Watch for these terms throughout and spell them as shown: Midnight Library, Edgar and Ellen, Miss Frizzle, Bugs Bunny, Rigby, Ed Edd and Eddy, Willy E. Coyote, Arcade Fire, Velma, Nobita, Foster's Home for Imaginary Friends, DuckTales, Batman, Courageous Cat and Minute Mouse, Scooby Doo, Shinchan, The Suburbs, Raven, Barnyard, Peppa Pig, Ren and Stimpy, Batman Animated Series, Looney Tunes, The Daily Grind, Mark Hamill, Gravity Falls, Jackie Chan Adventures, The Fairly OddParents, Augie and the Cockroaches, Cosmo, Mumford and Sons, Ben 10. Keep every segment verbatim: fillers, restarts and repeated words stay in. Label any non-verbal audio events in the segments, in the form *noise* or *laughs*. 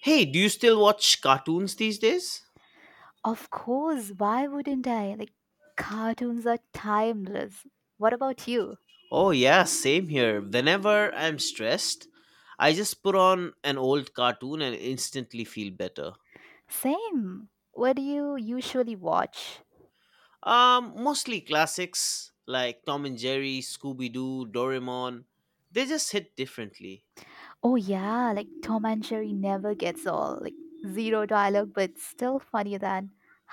Hey, do you still watch cartoons these days? Of course, why wouldn't I? Like, cartoons are timeless. What about you? Oh, yeah, same here. Whenever I'm stressed, I just put on an old cartoon and instantly feel better. Same. What do you usually watch? Um, mostly classics like Tom and Jerry, Scooby Doo, Doraemon. They just hit differently. Oh, yeah, like Tom and Jerry never gets all, like, zero dialogue, but still funnier than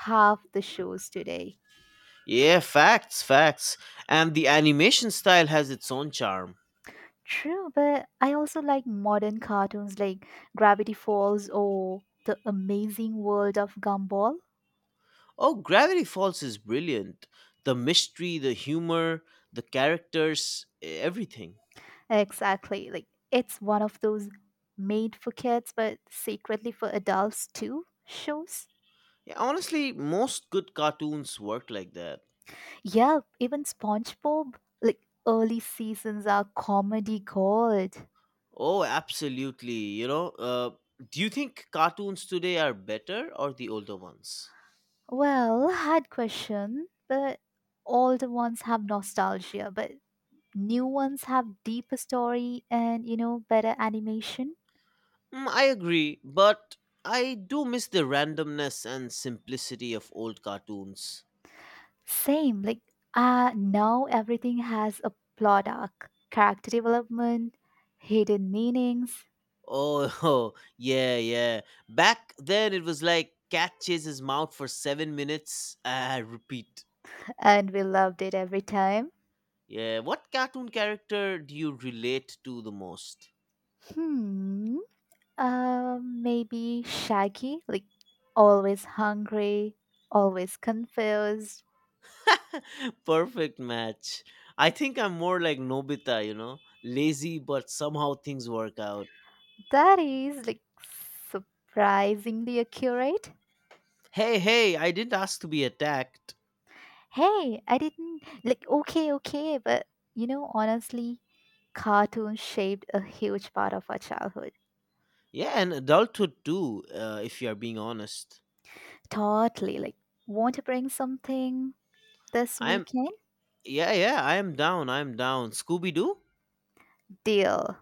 half the shows today. Yeah, facts, facts. And the animation style has its own charm. True, but I also like modern cartoons like Gravity Falls or The Amazing World of Gumball. Oh, Gravity Falls is brilliant. The mystery, the humor, the characters, everything. Exactly. Like it's one of those made for kids but secretly for adults too shows. Yeah, honestly, most good cartoons work like that. Yeah, even SpongeBob, like early seasons are comedy gold. Oh, absolutely. You know, uh, do you think cartoons today are better or the older ones? Well, hard question, but all the ones have nostalgia, but new ones have deeper story and you know better animation. Mm, I agree, but I do miss the randomness and simplicity of old cartoons. Same, like uh now everything has a plot arc, character development, hidden meanings, Oh, *laughs* yeah, yeah. Back then, it was like cat chases mouse for seven minutes. Ah, repeat. and we loved it every time. Yeah, what cartoon character do you relate to the most? Hmm. Uh, maybe Shaggy, like always hungry, always confused. *laughs* Perfect match. I think I'm more like Nobita, you know, lazy, but somehow things work out. That is like surprisingly accurate. Hey, hey, I didn't ask to be attacked. Hey, I didn't like okay, okay, but you know, honestly, cartoons shaped a huge part of our childhood. Yeah, and adulthood too, uh, if you are being honest. Totally, like, want to bring something this I'm, weekend? yeah, yeah, I am down, I am down. Scooby Doo? Deal.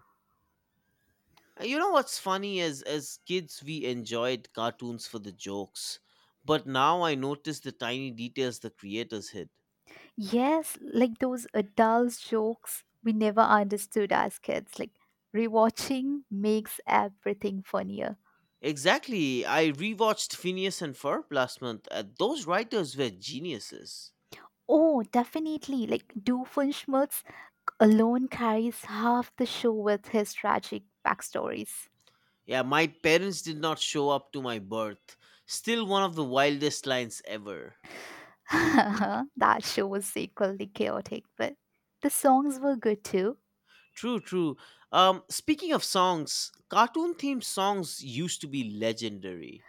You know what's funny is as kids, we enjoyed cartoons for the jokes. But now I notice the tiny details the creators hid. Yes, like those adult jokes we never understood as kids. Like rewatching makes everything funnier. Exactly. I rewatched Phineas and Ferb last month. Uh, those writers were geniuses. Oh, definitely. Like Doofenshmirtz alone carries half the show with his tragic backstories. Yeah, my parents did not show up to my birth. Still one of the wildest lines ever. *laughs* That show was equally chaotic, but the songs were good too. True, true. Um, speaking of songs, cartoon themed songs used to be legendary.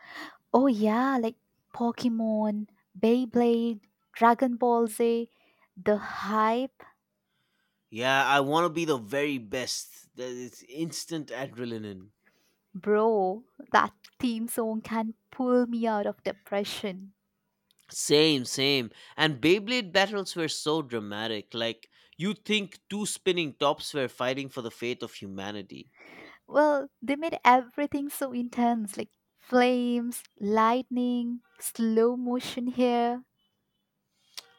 Oh yeah, like Pokemon, Beyblade, Dragon Ball Z. The hype. Yeah, I want to be the very best. That is instant adrenaline. Bro, that theme song can pull me out of depression. Same, same. And Beyblade battles were so dramatic. Like, you think two spinning tops were fighting for the fate of humanity. Well, they made everything so intense like flames, lightning, slow motion here.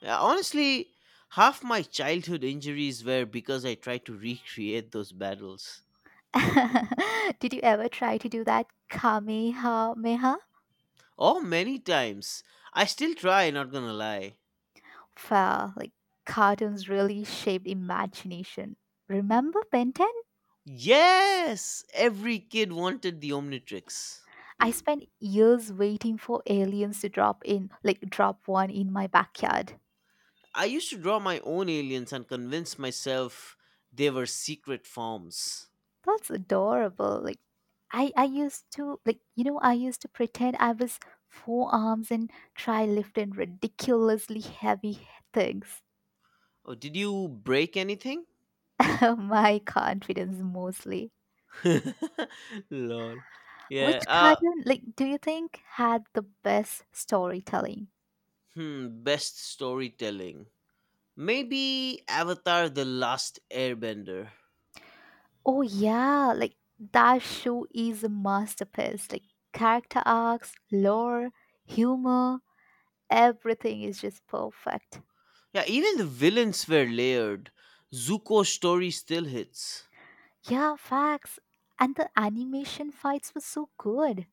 Uh, Honestly, half my childhood injuries were because I tried to recreate those battles. *laughs* Did you ever try to do that Kamehameha? Oh, many times. I still try, not gonna lie. Well, like cartoons really shaped imagination. Remember Ben ten? Yes! Every kid wanted the Omnitrix. I spent years waiting for aliens to drop in, like drop one in my backyard. I used to draw my own aliens and convince myself they were secret forms. That's adorable. Like, I I used to, like, you know I used to pretend I was four arms and try lifting ridiculously heavy things. Oh, did you break anything? *laughs* My confidence mostly. *laughs* Lol. Which Yeah. Uh cartoon, like, do you think had the best storytelling? Hmm, best storytelling. Maybe Avatar the Last Airbender. Oh yeah, like that show is a masterpiece. Like character arcs, lore, humor, everything is just perfect. Yeah, even the villains were layered. Zuko's story still hits. Yeah, facts. And the animation fights were so good.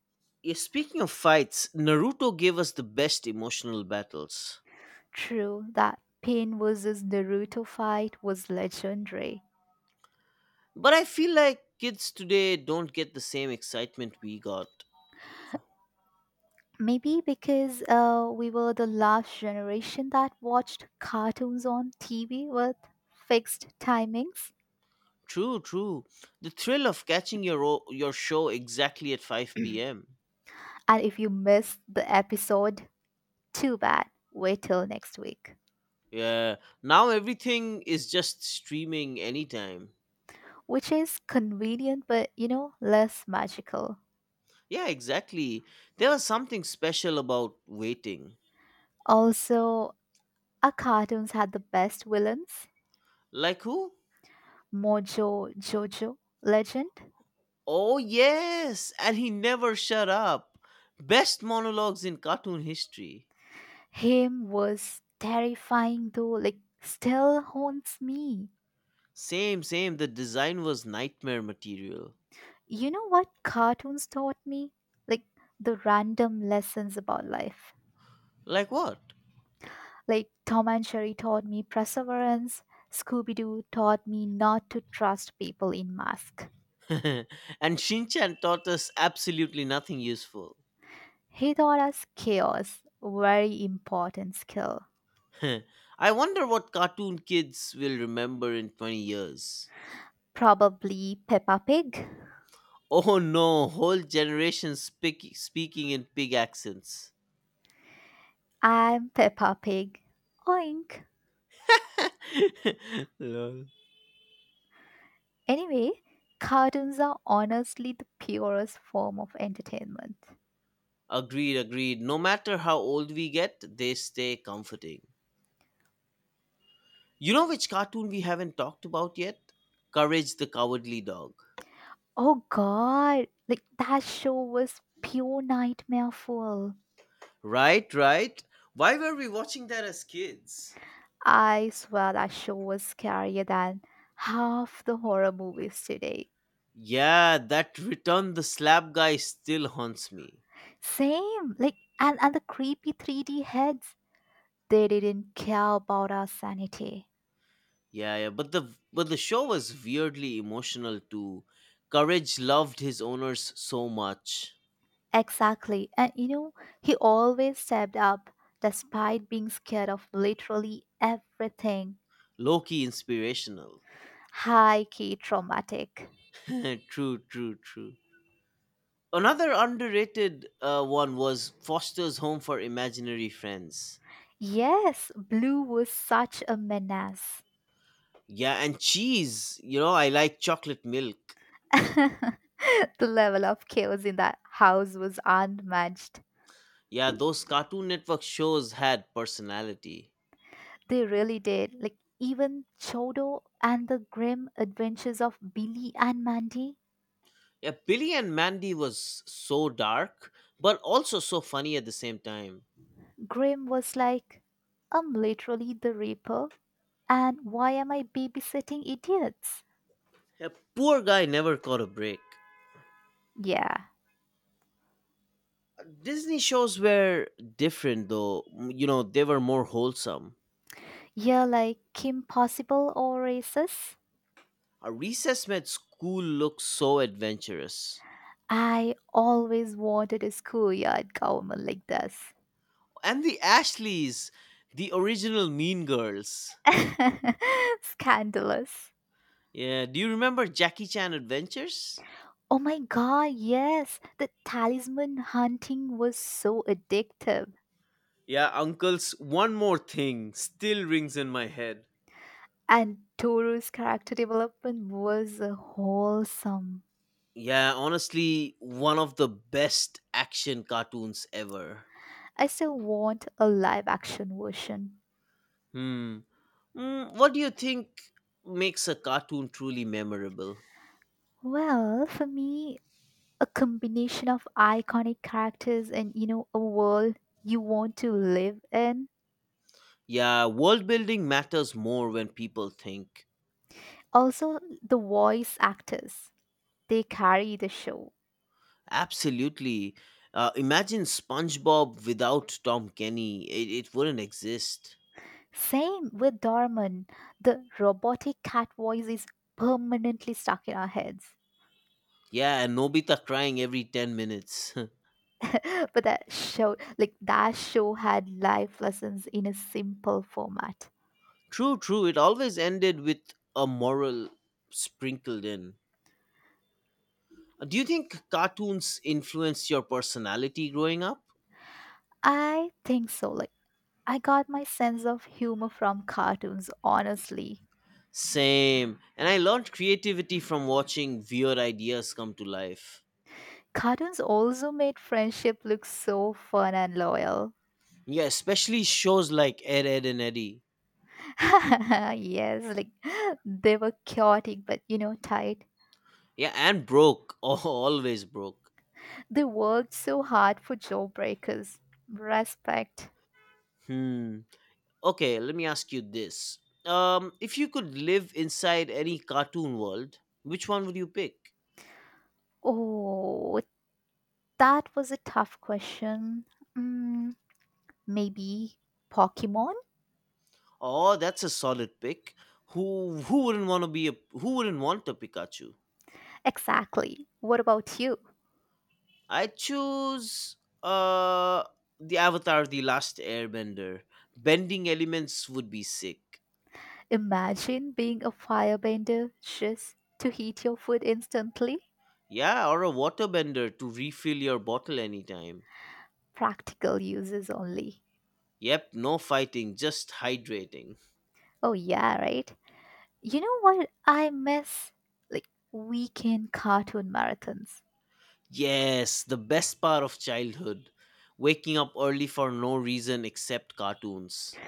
Yeah, speaking of fights, Naruto gave us the best emotional battles. True, that Pain versus Naruto fight was legendary. But I feel like kids today don't get the same excitement we got. Maybe because uh, we were the last generation that watched cartoons on T V with fixed timings. True, true. The thrill of catching your o- your show exactly at five p m. And if you missed the episode, too bad. Wait till next week. Yeah, now everything is just streaming anytime. Which is convenient, but you know, less magical. Yeah, exactly. There was something special about waiting. Also, our cartoons had the best villains. Like who? Mojo Jojo. Legend. Oh, yes, and he never shut up. Best monologues in cartoon history. Him was terrifying though, like, still haunts me. Same, same, the design was nightmare material. You know what cartoons taught me? Like, the random lessons about life. Like what? Like, Tom and Jerry taught me perseverance, Scooby Doo taught me not to trust people in masks. *laughs* And Shinchan taught us absolutely nothing useful. He taught us chaos, very important skill. *laughs* I wonder what cartoon kids will remember in twenty years. Probably Peppa Pig. Oh no, whole generation speak, speaking in pig accents. I'm Peppa Pig. Oink. *laughs* Lol. Anyway, cartoons are honestly the purest form of entertainment. Agreed, agreed. No matter how old we get, they stay comforting. You know which cartoon we haven't talked about yet? Courage the Cowardly Dog. Oh god, like that show was pure nightmare fuel. Right, right. Why were we watching that as kids? I swear that show was scarier than half the horror movies today. Yeah, that return the slab guy still haunts me. Same, like, and, and the creepy three D heads, they didn't care about our sanity. Yeah, yeah, but the but the show was weirdly emotional too. Courage loved his owners so much. Exactly. And you know, he always stepped up despite being scared of literally everything. Loki inspirational. High key traumatic. *laughs* True, true, true. Another underrated uh, one was Foster's Home for Imaginary Friends. Yes, Blue was such a menace. Yeah, and cheese. You know, I like chocolate milk. *laughs* The level of chaos in that house was unmatched. Yeah, those Cartoon Network shows had personality. They really did. Like, even Chodo and the grim adventures of Billy and Mandy. Yeah, Billy and Mandy was so dark, but also so funny at the same time. Grim was like, I'm literally the Reaper, and why am I babysitting idiots? Yeah, poor guy never caught a break. Yeah. Disney shows were different though. You know, they were more wholesome. Yeah, like Kim Possible or Oasis? A recess med school looks so adventurous. I always wanted a schoolyard government like this. And the Ashleys, the original Mean Girls. *laughs* Scandalous. Yeah, do you remember Jackie Chan Adventures? Oh my god, yes. The talisman hunting was so addictive. Yeah, uncles, one more thing still rings in my head. And Toru's character development was uh, wholesome. Yeah, honestly, one of the best action cartoons ever. I still want a live action version. Hmm. Mm, what do you think makes a cartoon truly memorable? Well, for me, a combination of iconic characters and you know, a world you want to live in. Yeah, world building matters more when people think. Also, the voice actors. They carry the show. Absolutely. Uh, imagine SpongeBob without Tom Kenny. It, it wouldn't exist. Same with Dorman. The robotic cat voice is permanently stuck in our heads. Yeah, and Nobita crying every ten minutes. *laughs* *laughs* But that show, like that show, had life lessons in a simple format. True, true. It always ended with a moral sprinkled in. Uh, Do you think cartoons influenced your personality growing up? I think so. Like, I got my sense of humor from cartoons. Honestly, Same. And I learned creativity from watching weird ideas come to life. cartoons also made friendship look so fun and loyal. Yeah, especially shows like Ed, Ed, and Eddie. *laughs* Yes, like they were chaotic, but you know, tight. Yeah, and Broke. *laughs* Oh, always Broke. They worked so hard for jawbreakers. Respect. Hmm. Okay, let me ask you this. Um, if you could live inside any cartoon world, which one would you pick? Oh, that was a tough question. Mm, maybe Pokemon? Oh, that's a solid pick. Who who wouldn't want to be a who wouldn't want a Pikachu? Exactly. What about you? I choose uh the Avatar the Last Airbender. Bending elements would be sick. Imagine being a firebender just to heat your food instantly. Yeah, or a waterbender to refill your bottle anytime. Practical uses only. Yep, no fighting, just hydrating. Oh, yeah, right? You know what I miss? Like, weekend cartoon marathons. Yes, the best part of childhood. Waking up early for no reason except cartoons.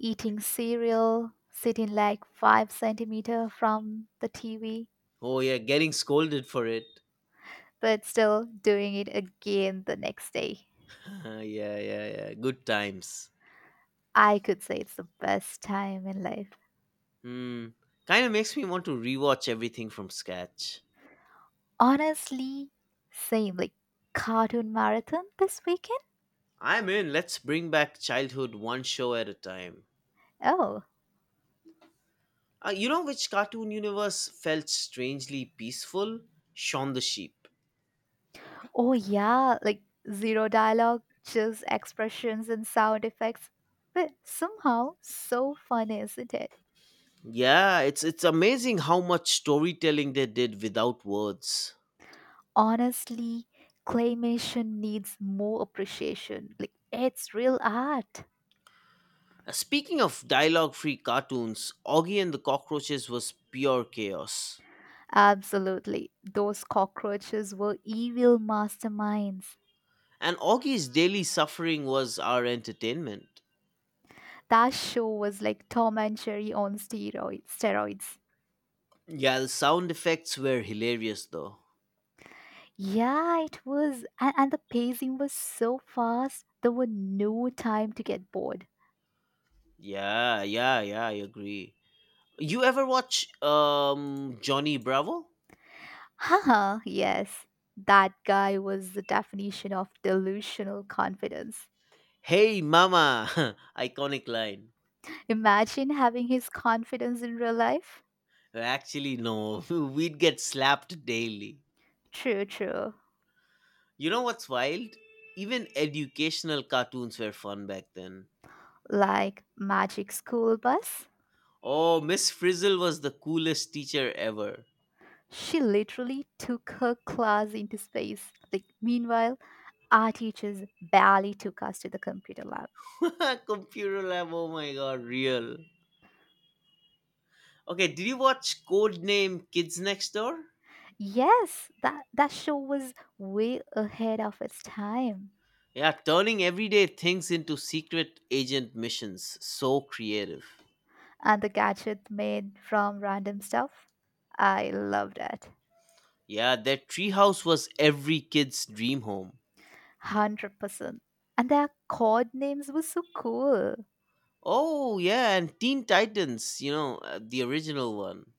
Eating cereal, sitting like five centimeter from the T V, Oh, yeah, getting scolded for it. but still doing it again the next day. *laughs* Yeah, yeah, yeah. Good times. I could say it's the best time in life. Hmm. Kind of makes me want to rewatch everything from scratch. Honestly, same, like cartoon marathon this weekend. I'm in. Let's bring back childhood one show at a time. Oh, Uh, you know which cartoon universe felt strangely peaceful? Shaun the Sheep. oh yeah, like zero dialogue, just expressions and sound effects. But somehow, so fun, isn't it? Yeah, it's it's amazing how much storytelling they did without words. Honestly, claymation needs more appreciation. Like, it's real art. Uh, Speaking of dialogue free cartoons, Augie and the Cockroaches was pure chaos. Absolutely. Those cockroaches were evil masterminds. And Augie's daily suffering was our entertainment. That show was like Tom and Jerry on steroids. Steroids. Yeah, the sound effects were hilarious though. Yeah, it was. And, and the pacing was so fast, there were no time to get bored. Yeah, yeah, yeah, I agree. You ever watch um Johnny Bravo? Haha, yes. That guy was the definition of delusional confidence. Hey mama, *laughs* iconic line. Imagine having his confidence in real life. Actually no, *laughs* we'd get slapped daily. True, true. You know what's wild? Even educational cartoons were fun back then. Like Magic School Bus. Oh, Miss Frizzle was the coolest teacher ever. She literally took her class into space. Like, meanwhile, our teachers barely took us to the computer lab. *laughs* Computer lab, oh my god, real. Okay, did you watch Code Name Kids Next Door? Yes, that, that show was way ahead of its time. Yeah, turning everyday things into secret agent missions. So creative. And the gadget made from random stuff, I loved it. Yeah, their treehouse was every kid's dream home. one hundred percent. And their code names were so cool. Oh, yeah, and Teen Titans, you know, uh, the original one.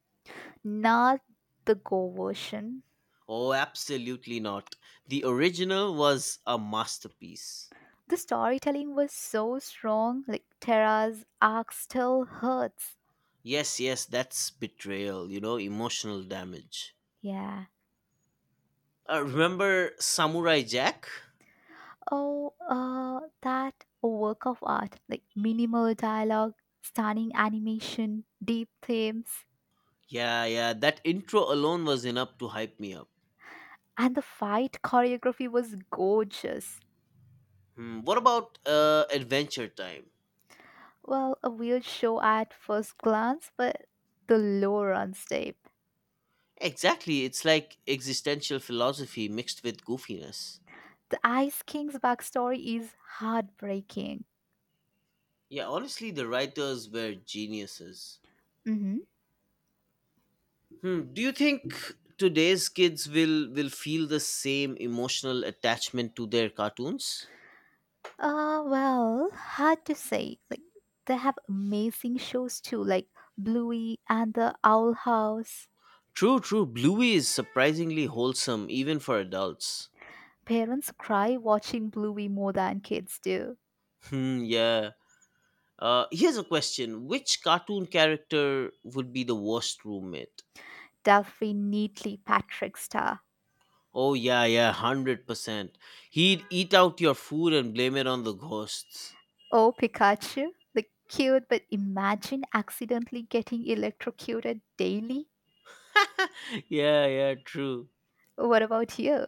Not the Go version. Oh, absolutely not. The original was a masterpiece. The storytelling was so strong, like Terra's arc still hurts. Yes, yes, that's betrayal, you know, emotional damage. Yeah. Uh, remember Samurai Jack? Oh, uh, that work of art, like minimal dialogue, stunning animation, deep themes, Yeah, yeah, that intro alone was enough to hype me up. and the fight choreography was gorgeous. Hmm, what about uh, Adventure Time? Well, a weird show at first glance, but the lore runs deep. Exactly, it's like existential philosophy mixed with goofiness. The Ice King's backstory is heartbreaking. Yeah, honestly, the writers were geniuses. Mm-hmm. Hmm, do you think today's kids will will feel the same emotional attachment to their cartoons? Uh, well, hard to say. Like, they have amazing shows too, like Bluey and the Owl House. True, true. Bluey is surprisingly wholesome, even for adults. Parents cry watching Bluey more than kids do. Hmm, yeah. Uh, here's a question. Which cartoon character would be the worst roommate? Duffy neatly Patrick Star. Oh, yeah, yeah, one hundred percent. He'd eat out your food and blame it on the ghosts. Oh, Pikachu, the cute, but imagine accidentally getting electrocuted daily. *laughs* Yeah, yeah, true. What about you?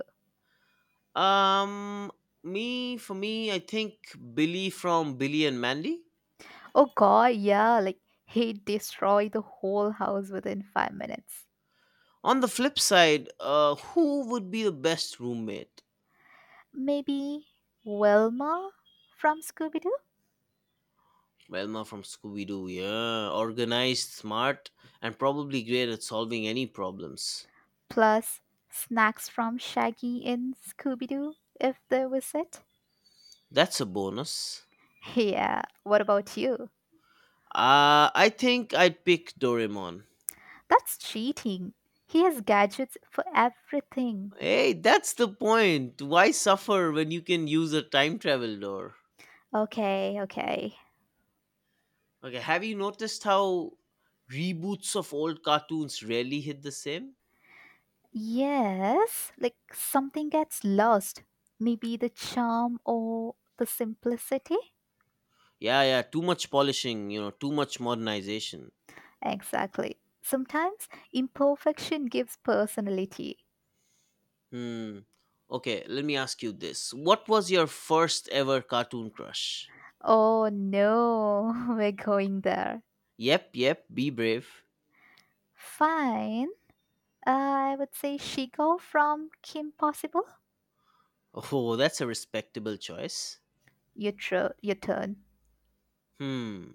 Um, me, for me, I think Billy from Billy and Mandy. Oh god, yeah, like he'd destroy the whole house within five minutes. On the flip side, uh, who would be the best roommate? Maybe Wilma from Scooby Doo? Velma from Scooby Doo, yeah. Organized, smart, and probably great at solving any problems. Plus snacks from Shaggy in Scooby Doo, if there was it. That's a bonus. Yeah, what about you? Uh, I think I'd pick Doraemon. That's cheating. He has gadgets for everything. Hey, that's the point. Why suffer when you can use a time travel door? Okay, okay. Okay, have you noticed how reboots of old cartoons rarely hit the same? Yes, like something gets lost. Maybe the charm or the simplicity? Yeah, yeah, too much polishing, you know, too much modernization. Exactly. Sometimes imperfection gives personality. Hmm. Okay, let me ask you this. What was your first ever cartoon crush? Oh no, *laughs* we're going there. Yep, yep, be brave. Fine. I would say Shigo from Kim Possible. Oh, that's a respectable choice. Your, tr- your turn. Hmm.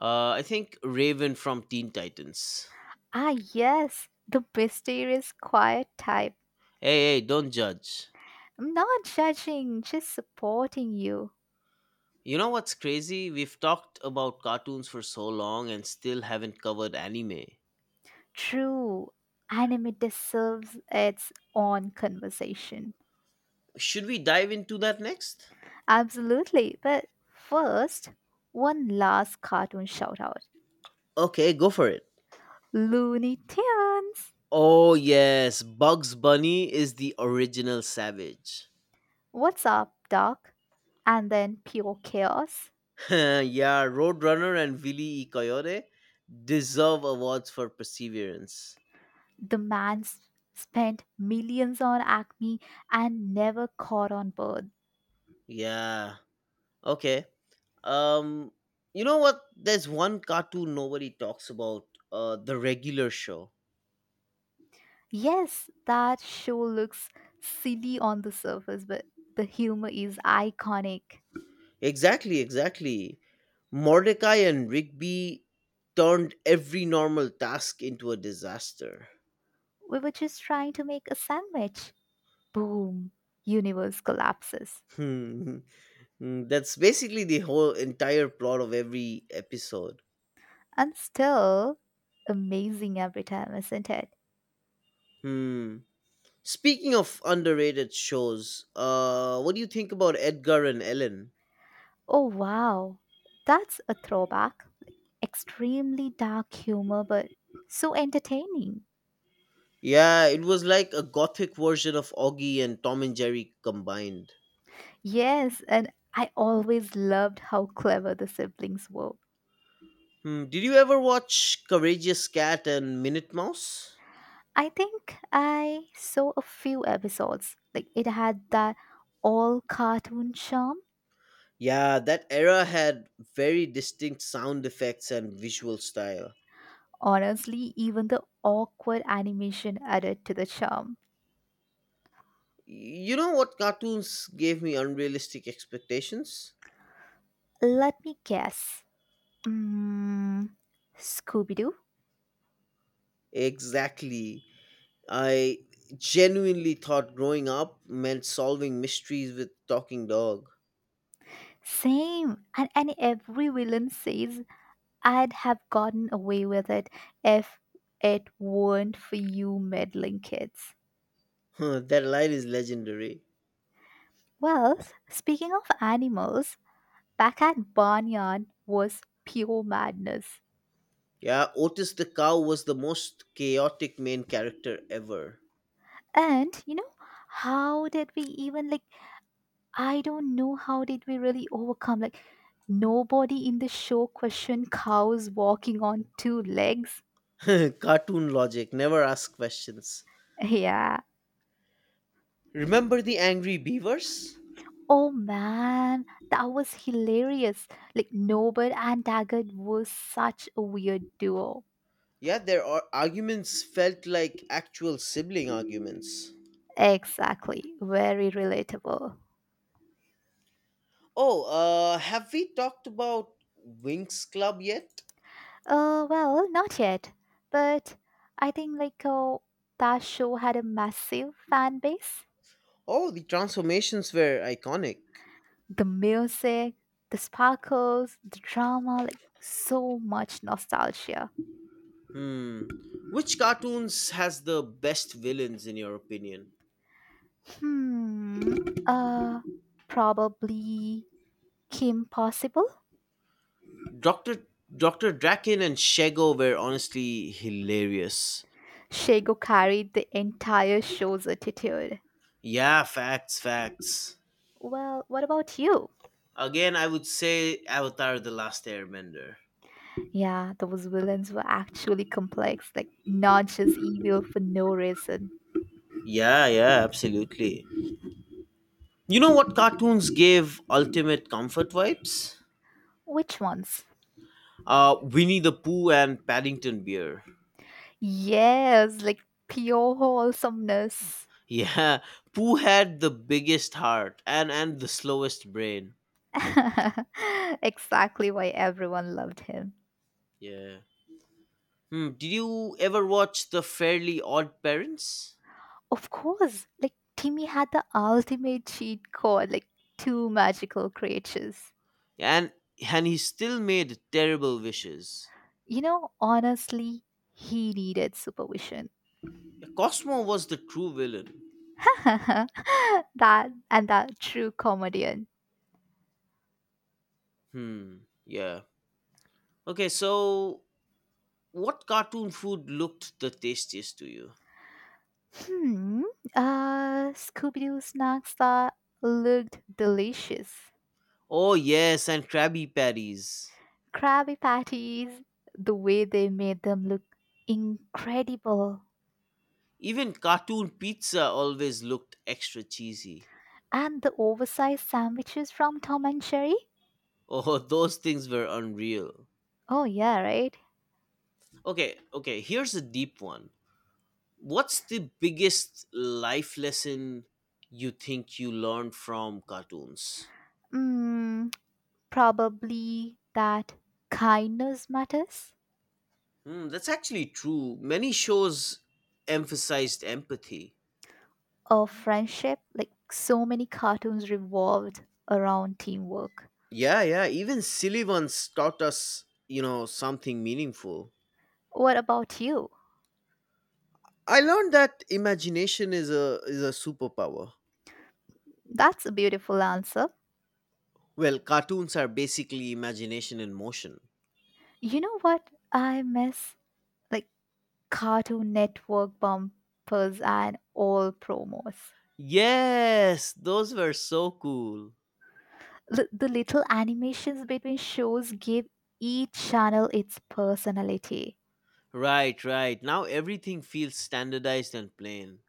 Uh, I think Raven from Teen Titans. Ah, yes, the mysterious quiet type. Hey, hey, don't judge. I'm not judging, just supporting you. You know what's crazy? We've talked about cartoons for so long and still haven't covered anime. True, anime deserves its own conversation. Should we dive into that next? Absolutely. But first, one last cartoon shout out: Okay, go for it. Looney Tunes! Oh, yes, Bugs Bunny is the original savage. What's up, Doc? And then Pure Chaos. *laughs* Yeah, Roadrunner and Willy E. Coyote deserve awards for perseverance. The man s- spent millions on Acme and never caught on bird. Yeah, okay. Um, you know what? There's one cartoon nobody talks about. Uh, the regular show. Yes, that show looks silly on the surface, but the humor is iconic. Exactly. Exactly. Mordecai and Rigby turned every normal task into a disaster. We were just trying to make a sandwich. Boom, universe collapses. Hmm. Hmm, that's basically the whole entire plot of every episode. And still amazing every time, isn't it? Hmm. Speaking of underrated shows, uh, what do you think about Edgar and Ellen? Oh wow. That's a throwback. Extremely dark humor, but so entertaining. Yeah, it was like a gothic version of Augie and Tom and Jerry combined. Yes, and I always loved how clever the siblings were. Hmm, did you ever watch Courageous Cat and Minute Mouse? I think I saw a few episodes. Like, it had that all cartoon charm. Yeah, that era had very distinct sound effects and visual style. Honestly, even the awkward animation added to the charm. You know what cartoons gave me unrealistic expectations? Let me guess. Mm, Scooby Doo? Exactly. I genuinely thought growing up meant solving mysteries with talking dog. Same. And, and every villain says, I'd have gotten away with it if it weren't for you meddling kids. *laughs* That line is legendary. Well, speaking of animals, back at Barnyard was pure madness. Yeah, Otis the cow was the most chaotic main character ever. And you know how did we even, like, I don't know, how did we really overcome, like, nobody in the show questioned cows walking on two legs. *laughs* Cartoon logic, never ask questions. Yeah. Remember the angry beavers? Oh man, that was hilarious. Like, norbert and daggett was such a weird duo. Yeah, their ar- arguments felt like actual sibling arguments. Exactly, very relatable. Oh, uh, have we talked about Winx Club yet? Uh well, not yet, but I think, like, uh, that show had a massive fan base. Oh, the transformations were iconic. The music, the sparkles, the drama, like so much nostalgia. Hmm. Which cartoons has the best villains in your opinion? Hmm. Uh, probably Kim Possible. Doctor Doctor Draken and Shego were honestly hilarious. Shego carried the entire show's attitude. Yeah, facts, facts. Well, what about you? Again, I would say Avatar The Last Airbender. Yeah, those villains were actually complex, like not just evil for no reason. Yeah, yeah, absolutely. You know what cartoons gave ultimate comfort vibes? Which ones? Uh, Winnie the Pooh and Paddington Bear. Yes, like pure wholesomeness. Yeah, Pooh had the biggest heart and, and the slowest brain. *laughs* Exactly why everyone loved him. Yeah. Hmm, did you ever watch The Fairly Odd Parents? Of course, like Timmy had the ultimate cheat code, like two magical creatures. and and he still made terrible wishes. You know, honestly, he needed supervision. Cosmo was the true villain. *laughs* That and that true comedian. Hmm. Yeah. Okay. So, what cartoon food looked the tastiest to you? Hmm. Uh, Scooby Doo snacks that looked delicious. Oh yes, and Krabby Patties. Krabby Patties, the way they made them look incredible. Even cartoon pizza always looked extra cheesy. And the oversized sandwiches from Tom and Jerry. Oh, *laughs* those things were unreal. Oh, yeah, right? Okay. Okay. Here's a deep one. What's the biggest life lesson you think you learned from cartoons? Mm, probably that kindness matters Hmm, that's actually true. Many shows emphasized empathy. or friendship, like so many cartoons revolved around teamwork. Yeah, yeah, even silly ones taught us, you know, something meaningful. What about you? I learned that imagination is a is a superpower. That's a beautiful answer. Well, cartoons are basically imagination in motion. You know what I miss? Like, cartoon network bumpers and all promos. Yes, those were so cool. L- the little animations between shows give each channel its personality. Right, right. Now everything feels standardized and plain.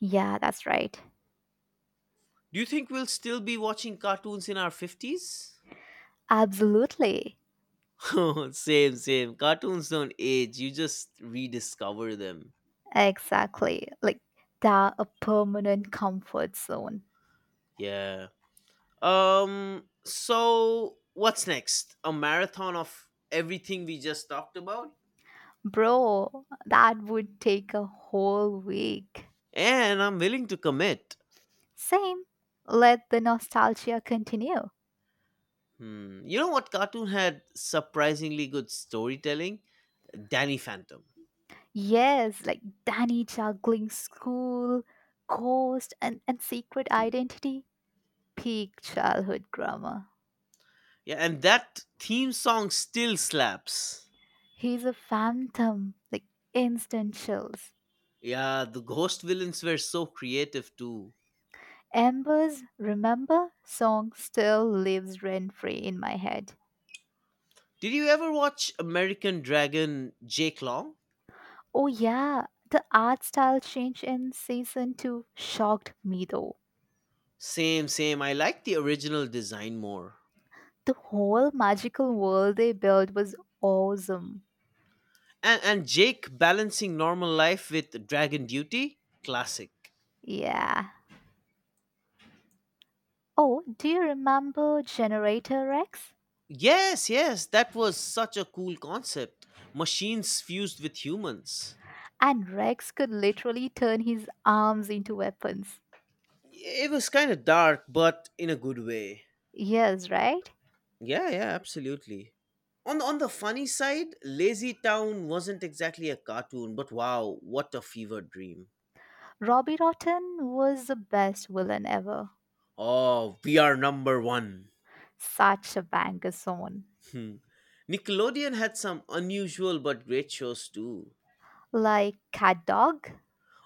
Yeah, that's right. Do you think we'll still be watching cartoons in our fifties? Absolutely. *laughs* Same, same. Cartoons don't age. You just rediscover them. Exactly. Like, they're a permanent comfort zone. Yeah. Um. So what's next? A marathon of everything we just talked about, Bro, that would take a whole week. and I'm willing to commit. Same. Let the nostalgia continue. Hmm. You know what cartoon had surprisingly good storytelling? Danny Phantom. Yes, like Danny juggling school, ghost, and, and secret identity. Peak childhood grammar. Yeah, and that theme song still slaps. He's a phantom, like instant chills. Yeah, the ghost villains were so creative too. Embers, remember? Song still lives rent free in my head. Did you ever watch American Dragon Jake Long? Oh, yeah, the art style change in season two shocked me though. Same, same. I like the original design more. The whole magical world they built was awesome. And and Jake balancing normal life with dragon duty, classic. Yeah. Oh, do you remember Generator Rex? Yes, yes, that was such a cool concept. Machines fused with humans. And Rex could literally turn his arms into weapons. It was kind of dark, but in a good way. Yes, right? Yeah, yeah, absolutely. On on the funny side, Lazy Town wasn't exactly a cartoon, but wow, what a fever dream. Robbie Rotten was the best villain ever. Oh, we are number one. Such a banger song. Hmm. Nickelodeon had some unusual but great shows too. Like cat dog?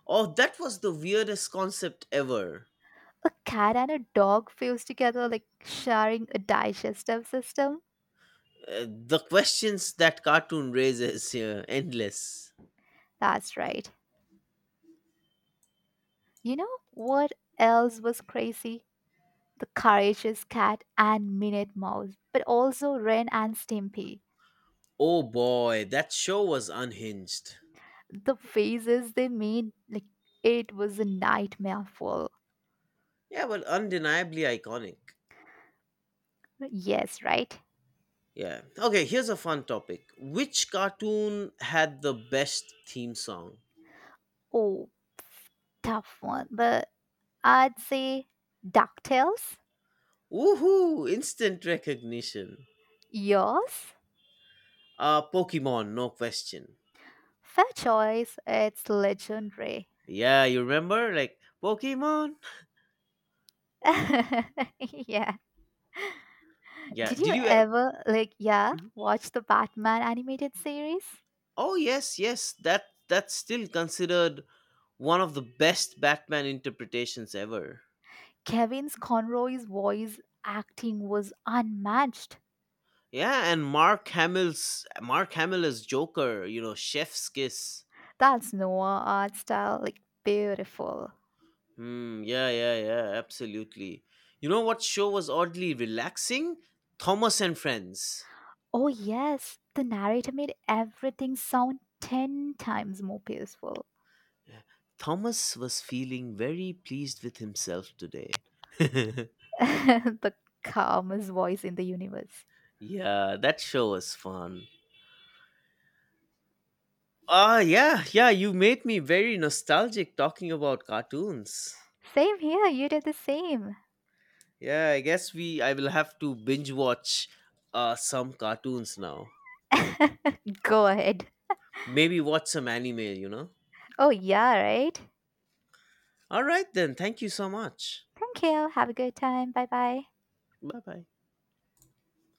Oh, that was the weirdest concept ever. A cat and a dog fused together, like sharing a digestive system. Uh, the questions that cartoon raises, yeah, endless. That's right. You know what else was crazy? The courageous cat and Minute Mouse, but also Ren and Stimpy. Oh boy, that show was unhinged. The faces they made, like it was a nightmare full. Yeah, but undeniably iconic. Yes, right? Yeah. Okay, here's a fun topic. Which cartoon had the best theme song? Oh, tough one. But I'd say DuckTales. Woohoo! Instant recognition. Yours? Uh, Pokemon, no question. Fair choice. It's legendary. Yeah, you remember? Like, Pokemon, *laughs* Yeah. yeah. Did you Did you? ev- ever like, yeah, Mhm. watch the Batman animated series? Oh yes, yes. That that's still considered one of the best Batman interpretations ever. Kevin's Conroy's voice acting was unmatched. Yeah, and Mark Hamill's Mark Hamill as Joker. You know, Chef's Kiss. That's Noah art style, like beautiful. Hmm. Yeah, yeah, yeah. Absolutely. You know what show was oddly relaxing? Thomas and Friends. Oh, yes, the narrator made everything sound ten times more peaceful. Yeah. Thomas was feeling very pleased with himself today. *laughs* *laughs* The calmest voice in the universe. Yeah, that show was fun. Ah, yeah, yeah, you made me very nostalgic talking about cartoons. Same here, you did the same. Yeah, I guess we I will have to binge watch uh some cartoons now. *laughs* Go ahead. Maybe watch some anime, you know. Oh, yeah, right? All right then, thank you so much. Thank you. Have a good time. Bye bye. Bye-bye.